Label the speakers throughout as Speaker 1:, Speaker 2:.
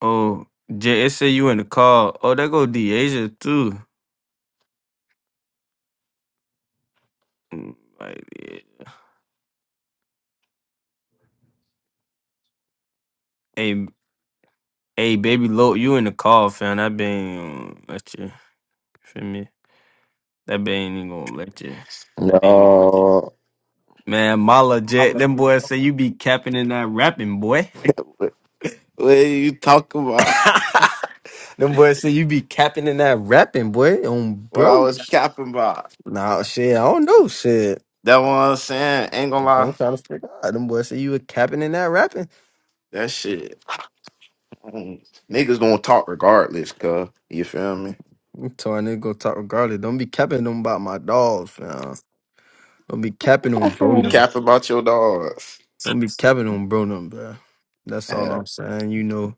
Speaker 1: Oh, J- say you in the call. Oh, that go Deasia too. Mm, Like, eh, hey, hey, baby, low, you in the call, fam. That been um, let you feel me. That been ain't even gonna let you.
Speaker 2: No.
Speaker 1: Man, Mala Jet, them boys say you be capping and not rapping, boy.
Speaker 2: What what you talking about?
Speaker 1: them boys say you be capping and not rapping, boy. Um,
Speaker 2: What I
Speaker 1: bro.
Speaker 2: was capping about.
Speaker 1: Nah, shit, I don't know, shit.
Speaker 2: That what I'm saying. Ain't gonna
Speaker 1: I'm trying
Speaker 2: lie.
Speaker 1: to figure out. Them boys say you were capping and not rapping.
Speaker 2: That shit. mm, Niggas gonna talk regardless, cuz. You feel me?
Speaker 1: So I'm telling nigga go talk regardless. Don't be capping them about my dogs, fam. Don't be capping on bro
Speaker 2: Who
Speaker 3: Fucker.
Speaker 1: num.
Speaker 2: cap about your dogs?
Speaker 1: Don't be capping on bro num, bruh. That's all
Speaker 2: Yeah.
Speaker 1: I'm saying. You know,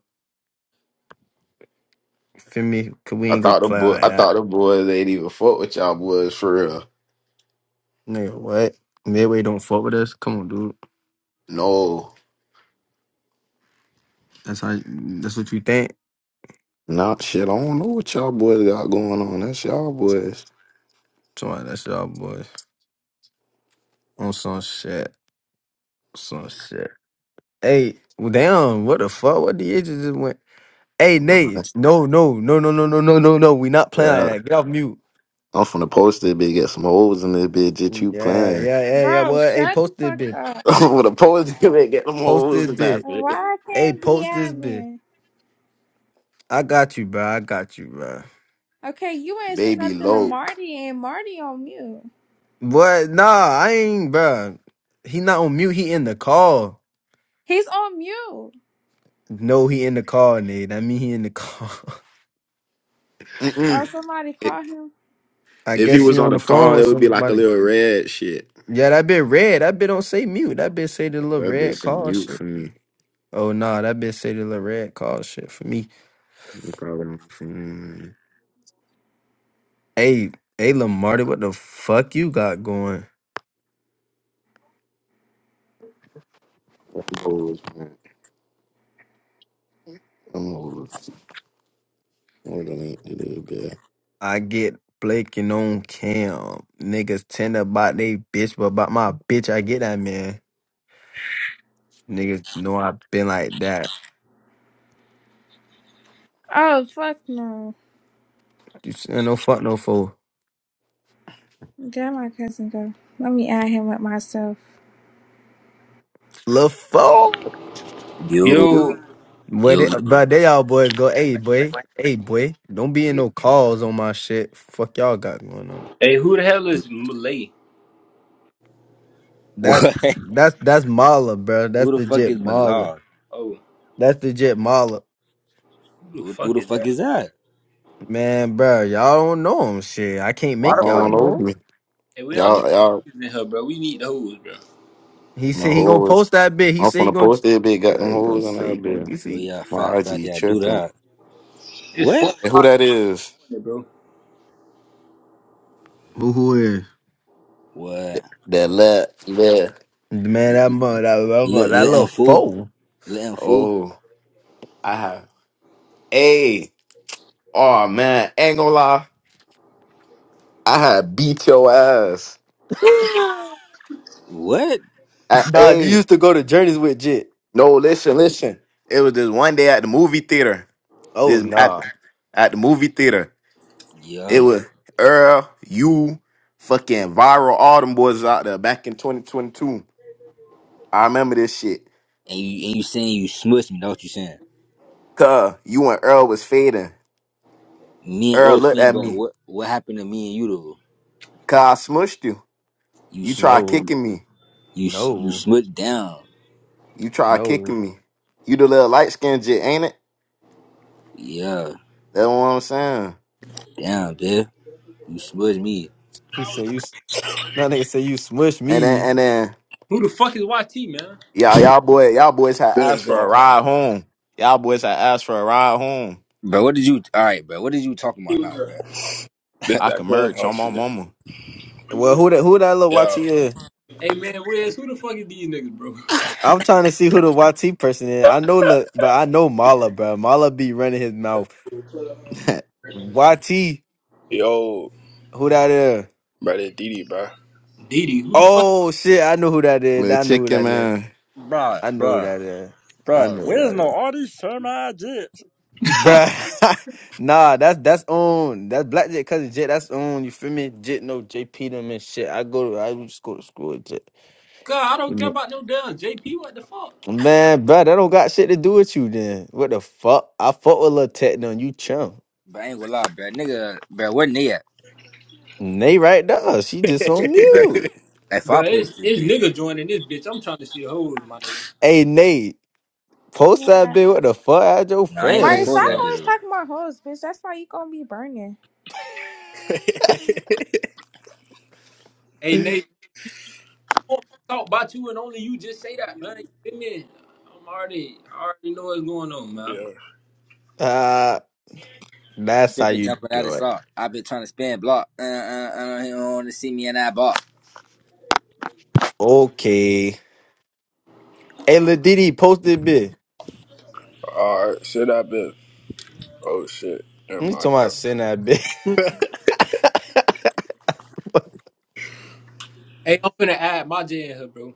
Speaker 1: feel me? Cause we
Speaker 2: I
Speaker 1: ain't gonna
Speaker 2: thought the
Speaker 1: play
Speaker 2: boy
Speaker 1: like
Speaker 2: I
Speaker 1: that.
Speaker 2: thought the boys ain't even fuck with y'all boys for real.
Speaker 1: Nigga, what? Midway don't fuck with us. Come on, dude.
Speaker 2: No.
Speaker 1: That's how. That's what you think.
Speaker 2: Nah, shit, I don't know what y'all boys got going on. That's y'all boys.
Speaker 1: So on, that's y'all boys on some shit. Some shit. Hey, well, damn. What the fuck? What the ages just went? Hey, Nate. No, no, no, no, no, no, no, no, no. We not playing
Speaker 2: Yeah.
Speaker 1: like that. Get off mute.
Speaker 2: I'm finna post this bitch, get some hoes in this bitch that you
Speaker 1: Yeah,
Speaker 2: playing.
Speaker 1: yeah, yeah, yeah.
Speaker 3: Bro,
Speaker 1: What? hey,
Speaker 3: shut the
Speaker 1: post it,
Speaker 3: fuck
Speaker 1: bitch.
Speaker 3: up.
Speaker 2: With a poet, they get them
Speaker 1: Post this
Speaker 2: hoes and that
Speaker 1: bit.
Speaker 3: Why
Speaker 2: shit.
Speaker 3: I
Speaker 1: Hey,
Speaker 3: can't be
Speaker 1: post this bit.
Speaker 3: admin?
Speaker 1: I got you, bro. I got you, bro.
Speaker 3: Okay, you ain't said
Speaker 2: Baby
Speaker 3: nothing to
Speaker 2: Loke.
Speaker 3: Marty, and Marty on mute.
Speaker 1: What? Nah, I ain't, bro. He not on mute. He in the call.
Speaker 3: He's on mute.
Speaker 1: No, he in the call, Nate. I mean, he in the call.
Speaker 3: Oh,
Speaker 2: Mm-mm.
Speaker 3: somebody
Speaker 2: If
Speaker 3: called him.
Speaker 1: I
Speaker 2: if he
Speaker 1: guess
Speaker 2: was
Speaker 1: he
Speaker 2: on
Speaker 1: on
Speaker 2: the
Speaker 1: the phone
Speaker 2: car,
Speaker 1: with
Speaker 2: it would be like a
Speaker 1: somebody.
Speaker 2: little red shit.
Speaker 1: Yeah, that bit red. That bit don't say mute. That bit say the
Speaker 2: Oh,
Speaker 1: little
Speaker 2: that
Speaker 1: red
Speaker 2: bitch in
Speaker 1: call
Speaker 2: mute for
Speaker 1: shit.
Speaker 2: me.
Speaker 1: Oh nah, that bit say the little red call shit for me.
Speaker 2: No problem for me.
Speaker 1: Hey, hey, Lamarty, what the fuck you got going?
Speaker 2: Them hoes, man. Them hoes. Hold on a little bit.
Speaker 1: I get blaking on cam. Niggas tender about they bitch, but about my bitch, I get that man. Niggas know I've been like that.
Speaker 3: Oh, fuck no.
Speaker 1: You see, no fuck no fool.
Speaker 3: There my cousin go. Let me add him with myself.
Speaker 1: Lil' fool.
Speaker 4: Yo,
Speaker 5: Yo,
Speaker 1: Boy,
Speaker 4: yo,
Speaker 1: they,
Speaker 4: yo.
Speaker 1: but they all boys go, hey boy, hey boy, don't be in no calls on my shit. Fuck y'all got going on.
Speaker 5: hey, who the hell is Malay?
Speaker 1: That's
Speaker 4: What?
Speaker 1: that's that's Mala, bro.
Speaker 4: Who
Speaker 1: That's
Speaker 4: the
Speaker 1: the
Speaker 4: fuck is
Speaker 1: jet Mala.
Speaker 4: Malard?
Speaker 5: Oh,
Speaker 1: That's the jet Mala.
Speaker 5: who the
Speaker 4: Who, who
Speaker 5: fuck
Speaker 4: the
Speaker 5: is
Speaker 4: fuck
Speaker 5: that?
Speaker 4: is that?
Speaker 1: Man, bro, y'all don't know him. Shit, I can't
Speaker 5: Why the
Speaker 1: make
Speaker 2: Y'all
Speaker 5: fuck
Speaker 1: y'all
Speaker 2: don't
Speaker 5: is this?
Speaker 1: know.
Speaker 2: know
Speaker 1: him.
Speaker 2: me.
Speaker 5: Hey, we don't need
Speaker 2: Y'all,
Speaker 5: no
Speaker 2: y'all,
Speaker 5: niggas in here, bro. We need the hoes, bro.
Speaker 1: He
Speaker 2: the
Speaker 1: said he gonna
Speaker 2: hoes.
Speaker 1: post that bit. He
Speaker 2: I'm
Speaker 1: said
Speaker 2: from
Speaker 1: he
Speaker 2: the
Speaker 1: gonna.
Speaker 2: post that bitch got
Speaker 1: Yeah,
Speaker 2: them
Speaker 1: he gonna
Speaker 2: hoes on that
Speaker 1: say he gonna.
Speaker 2: bitch.
Speaker 1: You
Speaker 4: Oh
Speaker 1: see,
Speaker 4: yeah, fat,
Speaker 2: My
Speaker 4: fat,
Speaker 2: IG
Speaker 4: yeah, do
Speaker 2: tripping.
Speaker 4: that.
Speaker 5: It's four
Speaker 4: What?
Speaker 2: And who
Speaker 5: o'clock
Speaker 2: that is?
Speaker 5: in the morning, bro.
Speaker 1: Who who is?
Speaker 4: What?
Speaker 2: That left, left.
Speaker 1: man, that mother, that mother,
Speaker 4: Let,
Speaker 1: that
Speaker 4: let him
Speaker 1: little
Speaker 4: fool?
Speaker 1: fool.
Speaker 4: Let him fool?
Speaker 2: Oh, I have. Hey. Oh man, ain't gonna lie. I had beat your ass.
Speaker 4: What?
Speaker 2: I
Speaker 1: nah, you
Speaker 2: A.
Speaker 1: used to go to journeys with Jit.
Speaker 2: No, listen, listen. It was this one day at the movie theater.
Speaker 1: Oh
Speaker 2: This at,
Speaker 1: nah,
Speaker 2: at the movie theater. It
Speaker 4: Yeah.
Speaker 2: was Earl, you, fucking viral, all them boys out there back in 2022. I remember this shit.
Speaker 4: And you and you saying you smushed me? That's what you saying?
Speaker 2: Cuz you and Earl was fading.
Speaker 4: Me and
Speaker 2: Earl
Speaker 4: Earl
Speaker 2: looked
Speaker 4: saying,
Speaker 2: at
Speaker 4: but
Speaker 2: me.
Speaker 4: what what happened to me and you though?
Speaker 2: Cuz I smushed you.
Speaker 4: You
Speaker 2: You
Speaker 4: s-
Speaker 2: tried
Speaker 1: no,
Speaker 2: kicking me.
Speaker 4: you s- you
Speaker 1: no,
Speaker 4: smushed down.
Speaker 2: You tried
Speaker 1: no.
Speaker 2: kicking me. You the little light skinned jit, ain't it?
Speaker 4: Yeah,
Speaker 2: That's what I'm saying.
Speaker 4: down, bitch. You smushed me.
Speaker 1: He said you. s- That nigga said you smush
Speaker 2: And
Speaker 1: me.
Speaker 2: then and then
Speaker 5: Who the fuck is YT, man?
Speaker 2: Y'all, y'all boy, y'all boys had
Speaker 6: Good
Speaker 2: asked for a
Speaker 6: song.
Speaker 2: ride home. Y'all boys had asked for a ride home.
Speaker 4: Bro, what did you? All right, bro. What did you talking about now, bro? Like,
Speaker 6: This
Speaker 2: I
Speaker 6: that
Speaker 2: can merch
Speaker 6: clubhouse
Speaker 2: on my
Speaker 6: shit.
Speaker 2: mama.
Speaker 1: Well, who that? Who that little YT
Speaker 6: Yeah.
Speaker 1: is?
Speaker 5: Hey, man, where's who the fuck is these niggas, bro?
Speaker 1: I'm trying to see who the YT person is. I know, look, but I know Mala, bro. Mala be running his mouth. YT,
Speaker 6: Yo,
Speaker 1: who that is?
Speaker 6: bro, that DD, bro.
Speaker 5: Didi, who the fuck?
Speaker 1: Oh shit, I know who that is.
Speaker 2: Little
Speaker 1: I know who
Speaker 2: chicken
Speaker 1: that is.
Speaker 2: man.
Speaker 4: bro,
Speaker 1: I know
Speaker 4: bro.
Speaker 1: that, that is. I
Speaker 4: Bro,
Speaker 1: know that,
Speaker 4: where's no
Speaker 1: that is.
Speaker 4: all these semi jets?
Speaker 1: Bruh. nah, that's that's on. That's Black Jet cousin Jet. That's on. You feel me? Jet no JP them and shit. I go to I just go to school with Jet.
Speaker 5: God, I
Speaker 1: You
Speaker 5: don't care
Speaker 1: mean-
Speaker 5: about no damn JP. What the fuck?
Speaker 1: Man, bruh, that don't got shit to do with you then. What the fuck? I fuck with Lil Tech done. You chump.
Speaker 4: But I ain't gonna lie, bro. Nigga, bro, wasn't they at?
Speaker 1: Nay right there. She just on
Speaker 4: Bro,
Speaker 1: mute.
Speaker 4: if I
Speaker 5: Bro, it's
Speaker 4: post it,
Speaker 5: it's
Speaker 4: then
Speaker 5: nigga joining this bitch. I'm trying to see the hoes, my nigga.
Speaker 1: Hey Nate, post that
Speaker 3: Yeah.
Speaker 1: bitch. What the fuck? I your
Speaker 4: no, I ain't
Speaker 1: friend
Speaker 4: gonna
Speaker 3: Marty,
Speaker 1: or
Speaker 4: post
Speaker 3: stop
Speaker 4: that
Speaker 1: something.
Speaker 4: bit
Speaker 3: always
Speaker 4: up.
Speaker 3: talking about hoes, bitch. That's why you gonna be burning.
Speaker 5: Hey, Nate, you want me to talk about you and only you just say that, man. You feel me? I'm already, I already know what's going on, man.
Speaker 6: yeah.
Speaker 1: uh, that's how
Speaker 4: Tripping
Speaker 1: you
Speaker 4: jumping out
Speaker 1: do
Speaker 4: of
Speaker 1: it.
Speaker 4: sock. i been trying to spin block. Uh, uh, uh, he don't want to see me in that block.
Speaker 1: Okay. Hey, Lil Didi, post that bitch.
Speaker 6: All right. Shit, I been. Oh shit. Never
Speaker 1: You
Speaker 6: mind.
Speaker 1: talking about
Speaker 6: Yo.
Speaker 1: send that bitch.
Speaker 5: Hey, I'm finna add my J in here, bro.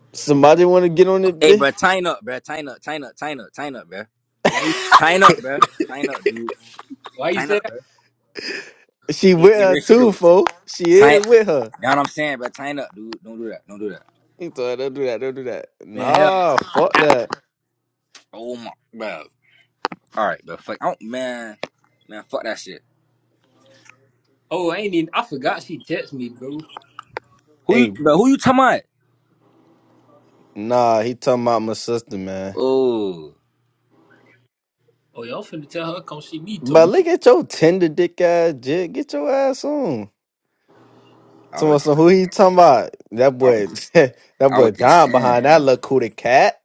Speaker 1: Somebody want to get on that
Speaker 4: Hey, bro,
Speaker 1: bitch?
Speaker 4: tighten up, bro. Tighten up, tighten up, tighten up, tighten up, bro.
Speaker 5: Why you?
Speaker 4: Tighten up, bro. Tighten up, dude.
Speaker 5: Why you
Speaker 4: Tighten
Speaker 5: say
Speaker 4: up,
Speaker 5: that?
Speaker 4: bro.
Speaker 1: She
Speaker 4: Ain't
Speaker 1: with
Speaker 4: hey,
Speaker 1: her
Speaker 4: real shit,
Speaker 1: too,
Speaker 4: dude.
Speaker 1: fo. She is
Speaker 4: Tighten.
Speaker 1: with her.
Speaker 4: Know what I'm saying, bro? Tighten up, dude. Don't do that. Don't do that.
Speaker 1: He told her, don't do that, don't do that.
Speaker 5: Man, hell.
Speaker 1: Nah, fuck
Speaker 5: I,
Speaker 1: that.
Speaker 4: Oh my, bro. All right, bro. Fuck, I don't, man, man, fuck that shit.
Speaker 5: oh, I ain't even. I forgot she text me, bro.
Speaker 4: Who you,
Speaker 1: Hey,
Speaker 4: bro? Who you talking about?
Speaker 1: nah, he talking about my sister, man.
Speaker 4: Oh.
Speaker 5: Oh, y'all finna tell her come see me
Speaker 1: But
Speaker 5: tomorrow.
Speaker 1: look at your tender dick ass jig. Get your ass on.
Speaker 4: I
Speaker 1: Talking
Speaker 4: was
Speaker 1: about
Speaker 4: just,
Speaker 1: some who he talking about? That
Speaker 4: I was
Speaker 1: boy,
Speaker 4: just,
Speaker 1: that
Speaker 4: I was
Speaker 1: boy
Speaker 4: just
Speaker 1: Don
Speaker 4: saying,
Speaker 1: behind that little cootie cat.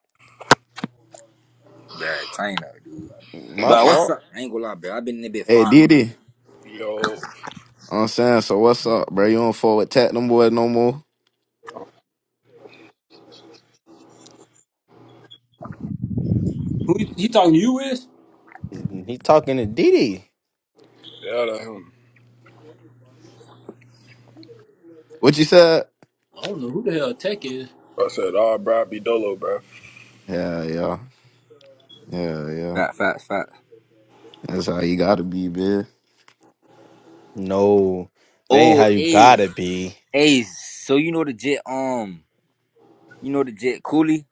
Speaker 4: bad China, dude.
Speaker 1: My
Speaker 4: But what's
Speaker 1: fault.
Speaker 4: up? I ain't gonna lie, bro. I've been in there bit
Speaker 2: Hey
Speaker 4: five
Speaker 2: Diddy. You
Speaker 4: minutes.
Speaker 2: know
Speaker 6: Yo.
Speaker 2: what I'm saying, so what's up, bro? You don't forward attack them boys no more.
Speaker 5: Who you you talking to you is?
Speaker 1: He talking to Didi.
Speaker 6: Yeah, that him.
Speaker 2: What you said?
Speaker 5: I don't know who the hell Tech is.
Speaker 6: I said, all right, bro, I be dolo, bro.
Speaker 2: Yeah, yeah. Yeah, yeah.
Speaker 4: Fat, fat, fat.
Speaker 2: That's how you gotta be, bitch.
Speaker 1: No, that ain't how
Speaker 4: Oh,
Speaker 1: you
Speaker 4: hey,
Speaker 1: gotta be.
Speaker 4: hey. So you know the jet, um, you know the jet Cooley.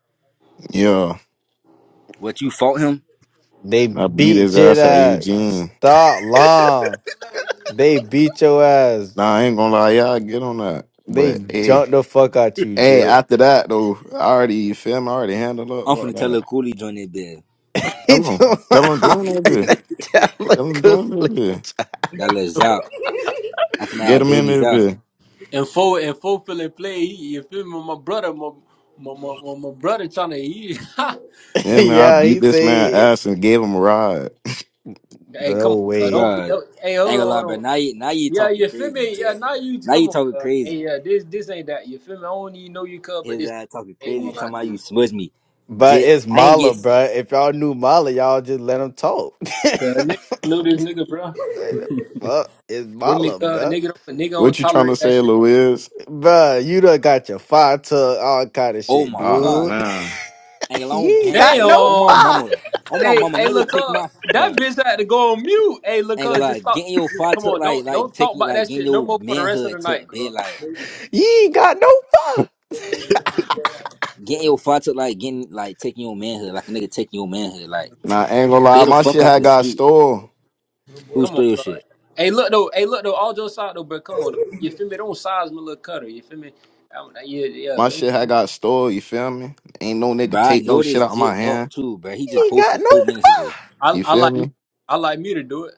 Speaker 2: Yeah.
Speaker 4: What you fought him?
Speaker 1: They
Speaker 2: I beat his
Speaker 1: beat your
Speaker 2: ass at
Speaker 1: ass.
Speaker 2: Eugene.
Speaker 1: Stop lying. They beat your ass.
Speaker 2: Nah, I ain't gonna lie, y'all get on that.
Speaker 1: They
Speaker 2: But hey.
Speaker 1: jumped the fuck out you,
Speaker 2: Hey,
Speaker 1: Jit.
Speaker 2: after that though, I already you feel me? I already handled up
Speaker 4: I'm
Speaker 2: about
Speaker 4: finna tell little
Speaker 2: that.
Speaker 4: Cooley join that bed.
Speaker 1: he
Speaker 2: Tell
Speaker 1: told
Speaker 2: him.
Speaker 1: me
Speaker 2: Tell him
Speaker 1: I'm
Speaker 2: doing that
Speaker 1: finna tell a
Speaker 2: Tell him join this
Speaker 1: goofy.
Speaker 2: bitch.
Speaker 4: That little Zop. I'm finna
Speaker 2: Get
Speaker 4: have
Speaker 2: him in
Speaker 4: babies
Speaker 2: this
Speaker 4: out,
Speaker 2: bitch.
Speaker 5: And four and four feeling play. He, you feel me? My brother, my my my, my, my brother trying to eat.
Speaker 2: Yeah, man, I
Speaker 1: yeah,
Speaker 2: beat
Speaker 1: he
Speaker 2: this man
Speaker 1: say
Speaker 2: ass and gave him a ride.
Speaker 5: Hell, hey, come
Speaker 1: no
Speaker 5: on, bro.
Speaker 1: way.
Speaker 5: don't, be-
Speaker 4: bro.
Speaker 5: don't. Hey,
Speaker 4: I
Speaker 5: hold
Speaker 4: ain't
Speaker 5: on,
Speaker 4: gonna lie,
Speaker 5: hold
Speaker 4: bro.
Speaker 5: on.
Speaker 4: Now you, now you
Speaker 5: Yeah,
Speaker 4: talking
Speaker 5: you feel
Speaker 4: crazy,
Speaker 5: me? Yeah,
Speaker 4: jet.
Speaker 5: now you
Speaker 4: Now you
Speaker 5: come on.
Speaker 4: talking
Speaker 5: Bro. Hey,
Speaker 4: crazy.
Speaker 5: yeah, this this ain't that. You feel me? I don't even know you, cuz, but
Speaker 4: His
Speaker 5: this
Speaker 4: ass talking
Speaker 5: ain't gonna
Speaker 4: crazy.
Speaker 5: lie
Speaker 4: Talking
Speaker 5: to
Speaker 4: about you
Speaker 5: you.
Speaker 4: smudge me,
Speaker 1: But
Speaker 4: jet.
Speaker 1: it's
Speaker 4: I ain't
Speaker 1: Mala,
Speaker 4: get.
Speaker 1: bruh. If y'all knew Mala, y'all just let him talk.
Speaker 5: Cause a nigga don't know this nigga, bro.
Speaker 1: What the Fuck, it's
Speaker 5: Let me
Speaker 1: Mala,
Speaker 5: cuz
Speaker 1: bruh.
Speaker 5: nigga don't nigga don't
Speaker 2: What you trying to
Speaker 5: tolerate that
Speaker 2: say,
Speaker 5: shit.
Speaker 2: Louis?
Speaker 1: Bruh, you done got your fire tuck, all kind of
Speaker 4: Oh
Speaker 1: shit,
Speaker 4: my
Speaker 2: Ah,
Speaker 4: god.
Speaker 1: dude.
Speaker 2: man.
Speaker 4: Nigga, long
Speaker 1: you ain't
Speaker 4: game,
Speaker 1: got
Speaker 4: nigga.
Speaker 1: no
Speaker 4: On my
Speaker 5: Damn.
Speaker 1: fire.
Speaker 4: mama. On my
Speaker 5: Hey,
Speaker 4: mama,
Speaker 5: hey,
Speaker 4: nigga,
Speaker 5: look
Speaker 4: take my
Speaker 5: up. That
Speaker 4: bruh.
Speaker 5: bitch had to go on mute. Hey, look
Speaker 4: Nigga,
Speaker 5: up. Just
Speaker 4: like
Speaker 5: stop.
Speaker 4: getting your
Speaker 5: Just,
Speaker 4: fight
Speaker 5: come
Speaker 4: took
Speaker 5: on.
Speaker 4: like
Speaker 5: Don't
Speaker 4: like
Speaker 5: don't talk
Speaker 4: taking
Speaker 5: about
Speaker 4: like
Speaker 5: that
Speaker 4: getting
Speaker 5: shit no
Speaker 4: your
Speaker 5: more for the rest of
Speaker 4: manhood
Speaker 5: the night,
Speaker 4: took,
Speaker 5: cuz.
Speaker 4: bitch. Like
Speaker 1: You ain't got no fun.
Speaker 4: getting your fight took like getting like taking your manhood, like a nigga taking your manhood. Like
Speaker 2: Nah, I ain't gonna lie.
Speaker 4: stay the
Speaker 2: My
Speaker 4: fuck
Speaker 2: shit
Speaker 4: out
Speaker 2: had
Speaker 4: the
Speaker 2: got
Speaker 4: street.
Speaker 2: stole.
Speaker 4: Who
Speaker 5: Come on,
Speaker 4: stole your
Speaker 5: cuz.
Speaker 4: shit?
Speaker 5: Hey, look though. Hey, look though. All jokes aside though, but come on. You feel me? Don't size me, little cutter. You feel me? Um, yeah, yeah.
Speaker 2: My
Speaker 5: them-
Speaker 2: shit had got stole. You feel me? Ain't no nigga
Speaker 4: Bro, I
Speaker 2: take no
Speaker 4: know
Speaker 2: shit
Speaker 4: this
Speaker 2: out of my
Speaker 4: jit up
Speaker 2: hand.
Speaker 4: too, bro. He
Speaker 1: You
Speaker 4: just
Speaker 1: ain't got
Speaker 4: posted
Speaker 1: no
Speaker 4: four minutes
Speaker 1: fun.
Speaker 4: ago.
Speaker 5: I,
Speaker 2: You
Speaker 5: I
Speaker 2: feel
Speaker 5: like me.
Speaker 2: me?
Speaker 5: I like me to do it.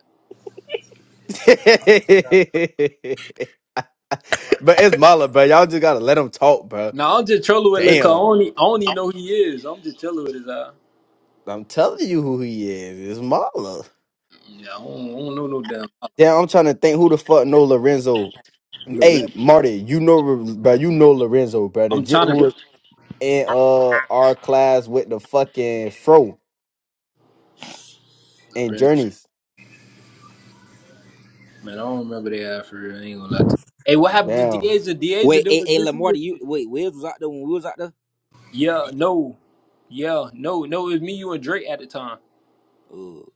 Speaker 1: but it's Mala, bro. Y'all just gotta let him talk, bro.
Speaker 5: Now I'm just trolling with look. I
Speaker 1: Damn.
Speaker 5: don't, e- I don't even know who he is. I'm just trolling with his eye.
Speaker 1: I'm telling you who he is. It's Mala.
Speaker 5: Yeah, I don't, I don't know no damn.
Speaker 1: Yeah, I'm trying to think who the fuck know Lorenzo.
Speaker 5: Look,
Speaker 1: Hey, Marty, you know, bro, you know Lorenzo, bro. The
Speaker 5: I'm
Speaker 1: jit
Speaker 5: trying
Speaker 1: who was in uh our class with the fucking fro
Speaker 5: to.
Speaker 1: and journeys.
Speaker 5: Man, I don't remember they ad for real. I ain't gonna lie to you. Hey, what happened to
Speaker 1: Damn.
Speaker 5: Deaza? Deaza
Speaker 4: Wait,
Speaker 5: that
Speaker 4: hey,
Speaker 5: was
Speaker 4: hey Lamar,
Speaker 5: this
Speaker 4: do you
Speaker 5: bitch.
Speaker 4: wait, Wiz was out there when we was out there?
Speaker 5: Yeah, no. Yeah, no, no, it was me, you, and Drake at the time.
Speaker 4: Oh,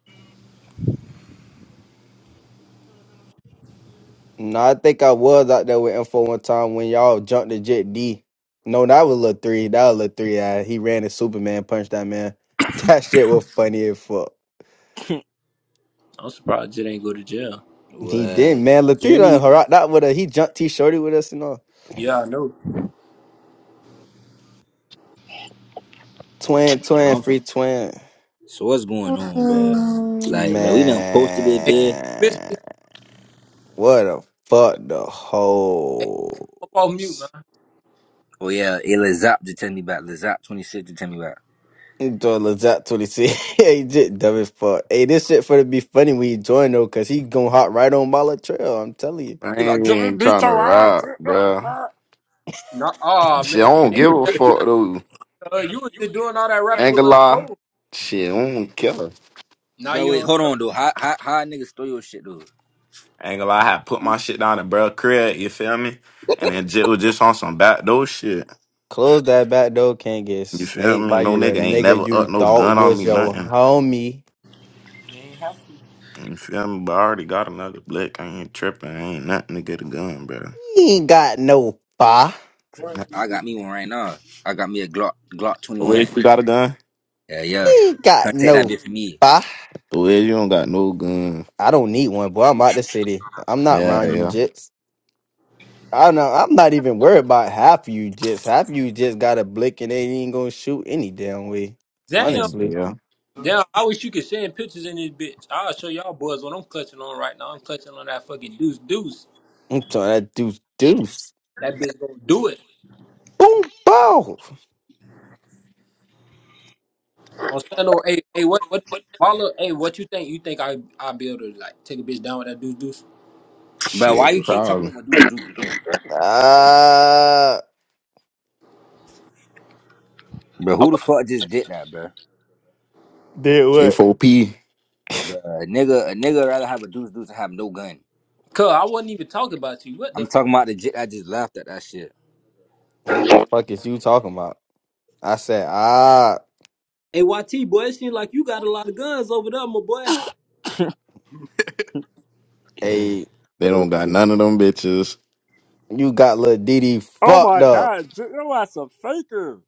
Speaker 1: No, I think I was out there with Info one time when y'all jumped the Jet D. No, that was little three. That was little three. Uh, he ran his Superman punch that man. That shit was funny as fuck.
Speaker 5: I'm surprised it ain't go to jail.
Speaker 1: He did,
Speaker 4: what?
Speaker 1: man. Little three
Speaker 4: Journey
Speaker 1: done rocked out with us. He jumped T shorty with us, you know.
Speaker 5: Yeah, I know.
Speaker 1: Twin,
Speaker 4: so,
Speaker 1: twin,
Speaker 4: I'm,
Speaker 1: free twin.
Speaker 4: so what's going on, bro?
Speaker 3: Mm.
Speaker 4: Like, bro, we done posted it,
Speaker 5: Hey,
Speaker 4: bitch.
Speaker 5: bitch,
Speaker 1: Man,
Speaker 5: bitch,
Speaker 1: what the fuck the
Speaker 5: hey,
Speaker 1: whole.
Speaker 5: up off mute, man.
Speaker 4: Oh yeah, hey, Lil Zop just tell me about Lil Zop 26 just tell me about.
Speaker 1: He joined Lazat 26. yeah, he just dumb as fuck. Hey, this shit for to be funny when he join though, cause he gonna hop right on Mala Trail. I'm telling you.
Speaker 2: I
Speaker 4: You about
Speaker 2: ain't
Speaker 4: drop me,
Speaker 2: even
Speaker 4: beat
Speaker 2: trying to
Speaker 4: your ass.
Speaker 2: rob,
Speaker 4: shit, What the
Speaker 2: bruh.
Speaker 4: fuck?
Speaker 5: No, oh
Speaker 2: Shit,
Speaker 5: man.
Speaker 2: I don't
Speaker 5: Hey,
Speaker 2: give
Speaker 5: you
Speaker 2: a
Speaker 5: done
Speaker 2: fuck,
Speaker 5: sound
Speaker 2: though.
Speaker 5: uh, you was just doing all that rapping
Speaker 2: Ain't
Speaker 5: with
Speaker 2: gonna
Speaker 5: Lil
Speaker 2: lie.
Speaker 5: Cole.
Speaker 2: Shit, I don't care. Ain't
Speaker 5: Now
Speaker 4: Bro,
Speaker 5: you
Speaker 4: wait,
Speaker 5: on
Speaker 4: hold on though. How how how a nigga stole your shit though?
Speaker 2: gonna lie. I had put my shit down in bruh crib. You feel me? And then Jit was just on some backdoor shit.
Speaker 1: Close that back door, can't get
Speaker 2: You feel
Speaker 1: snaked
Speaker 2: me?
Speaker 1: by
Speaker 2: No
Speaker 1: you, the
Speaker 2: nigga ain't
Speaker 1: nigga
Speaker 2: never up
Speaker 1: you
Speaker 2: no
Speaker 1: thought
Speaker 2: gun on me,
Speaker 1: was your
Speaker 2: nothing.
Speaker 1: homie.
Speaker 2: You feel me? But I already got another blick. I ain't tripping. I ain't nothing to get a gun, bro.
Speaker 1: You ain't got no pa.
Speaker 2: The
Speaker 4: I got me one right now. I got me a Glock Glock
Speaker 2: way
Speaker 4: 21.
Speaker 2: you got a gun?
Speaker 4: Yeah, yeah.
Speaker 1: You ain't got
Speaker 4: Contact that
Speaker 1: no
Speaker 4: bitch for me.
Speaker 1: pa.
Speaker 2: The way you don't got no gun.
Speaker 1: I don't need one, boy. I'm out the city. I'm not
Speaker 2: Yeah,
Speaker 1: around you
Speaker 2: yeah.
Speaker 1: jits. I know I'm not even worried about half of you jits. Half of you just got a blick and they ain't gonna shoot any damn way.
Speaker 2: Yeah.
Speaker 5: Damn.
Speaker 1: Honestly.
Speaker 2: yeah.
Speaker 5: Damn, I wish you could send pictures in this bitch. I'll show y'all boys what I'm clutching on right now. I'm clutching on that fucking deuce deuce.
Speaker 1: I'm trying to do deuce.
Speaker 5: That bitch gonna do it.
Speaker 1: Boom bow.
Speaker 5: On Sano, hey, hey, what, what, Marlo, hey, what you think? You think I, I be able to like take a bitch down with that deuce deuce?
Speaker 4: Bro, why
Speaker 2: Shit,
Speaker 4: you keep talking
Speaker 2: probably.
Speaker 4: about my dudes dudes, bro?
Speaker 1: Ah
Speaker 4: Bro,
Speaker 5: I
Speaker 4: who the
Speaker 5: wasn't,
Speaker 4: fuck just did that, bro?
Speaker 1: did what?
Speaker 2: K4P.
Speaker 4: Bro, a nigga, a nigga rather have a dudes dudes than have no gun.
Speaker 5: cuz I wasn't even talking about you. What the
Speaker 4: I'm
Speaker 5: fuck?
Speaker 4: talking about the jit that just laughed at that shit.
Speaker 1: What the fuck is you talking about? I said, ah.
Speaker 5: Hey, YT, boy, it seems like you got a lot of guns over there, my boy.
Speaker 4: Yeah.
Speaker 1: Hey,
Speaker 2: They
Speaker 4: Uh,
Speaker 2: don't got none of them bitches.
Speaker 1: you got Lil Diddy
Speaker 4: Oh
Speaker 1: fucked
Speaker 4: my
Speaker 1: up.
Speaker 4: god, J- your ass a faker.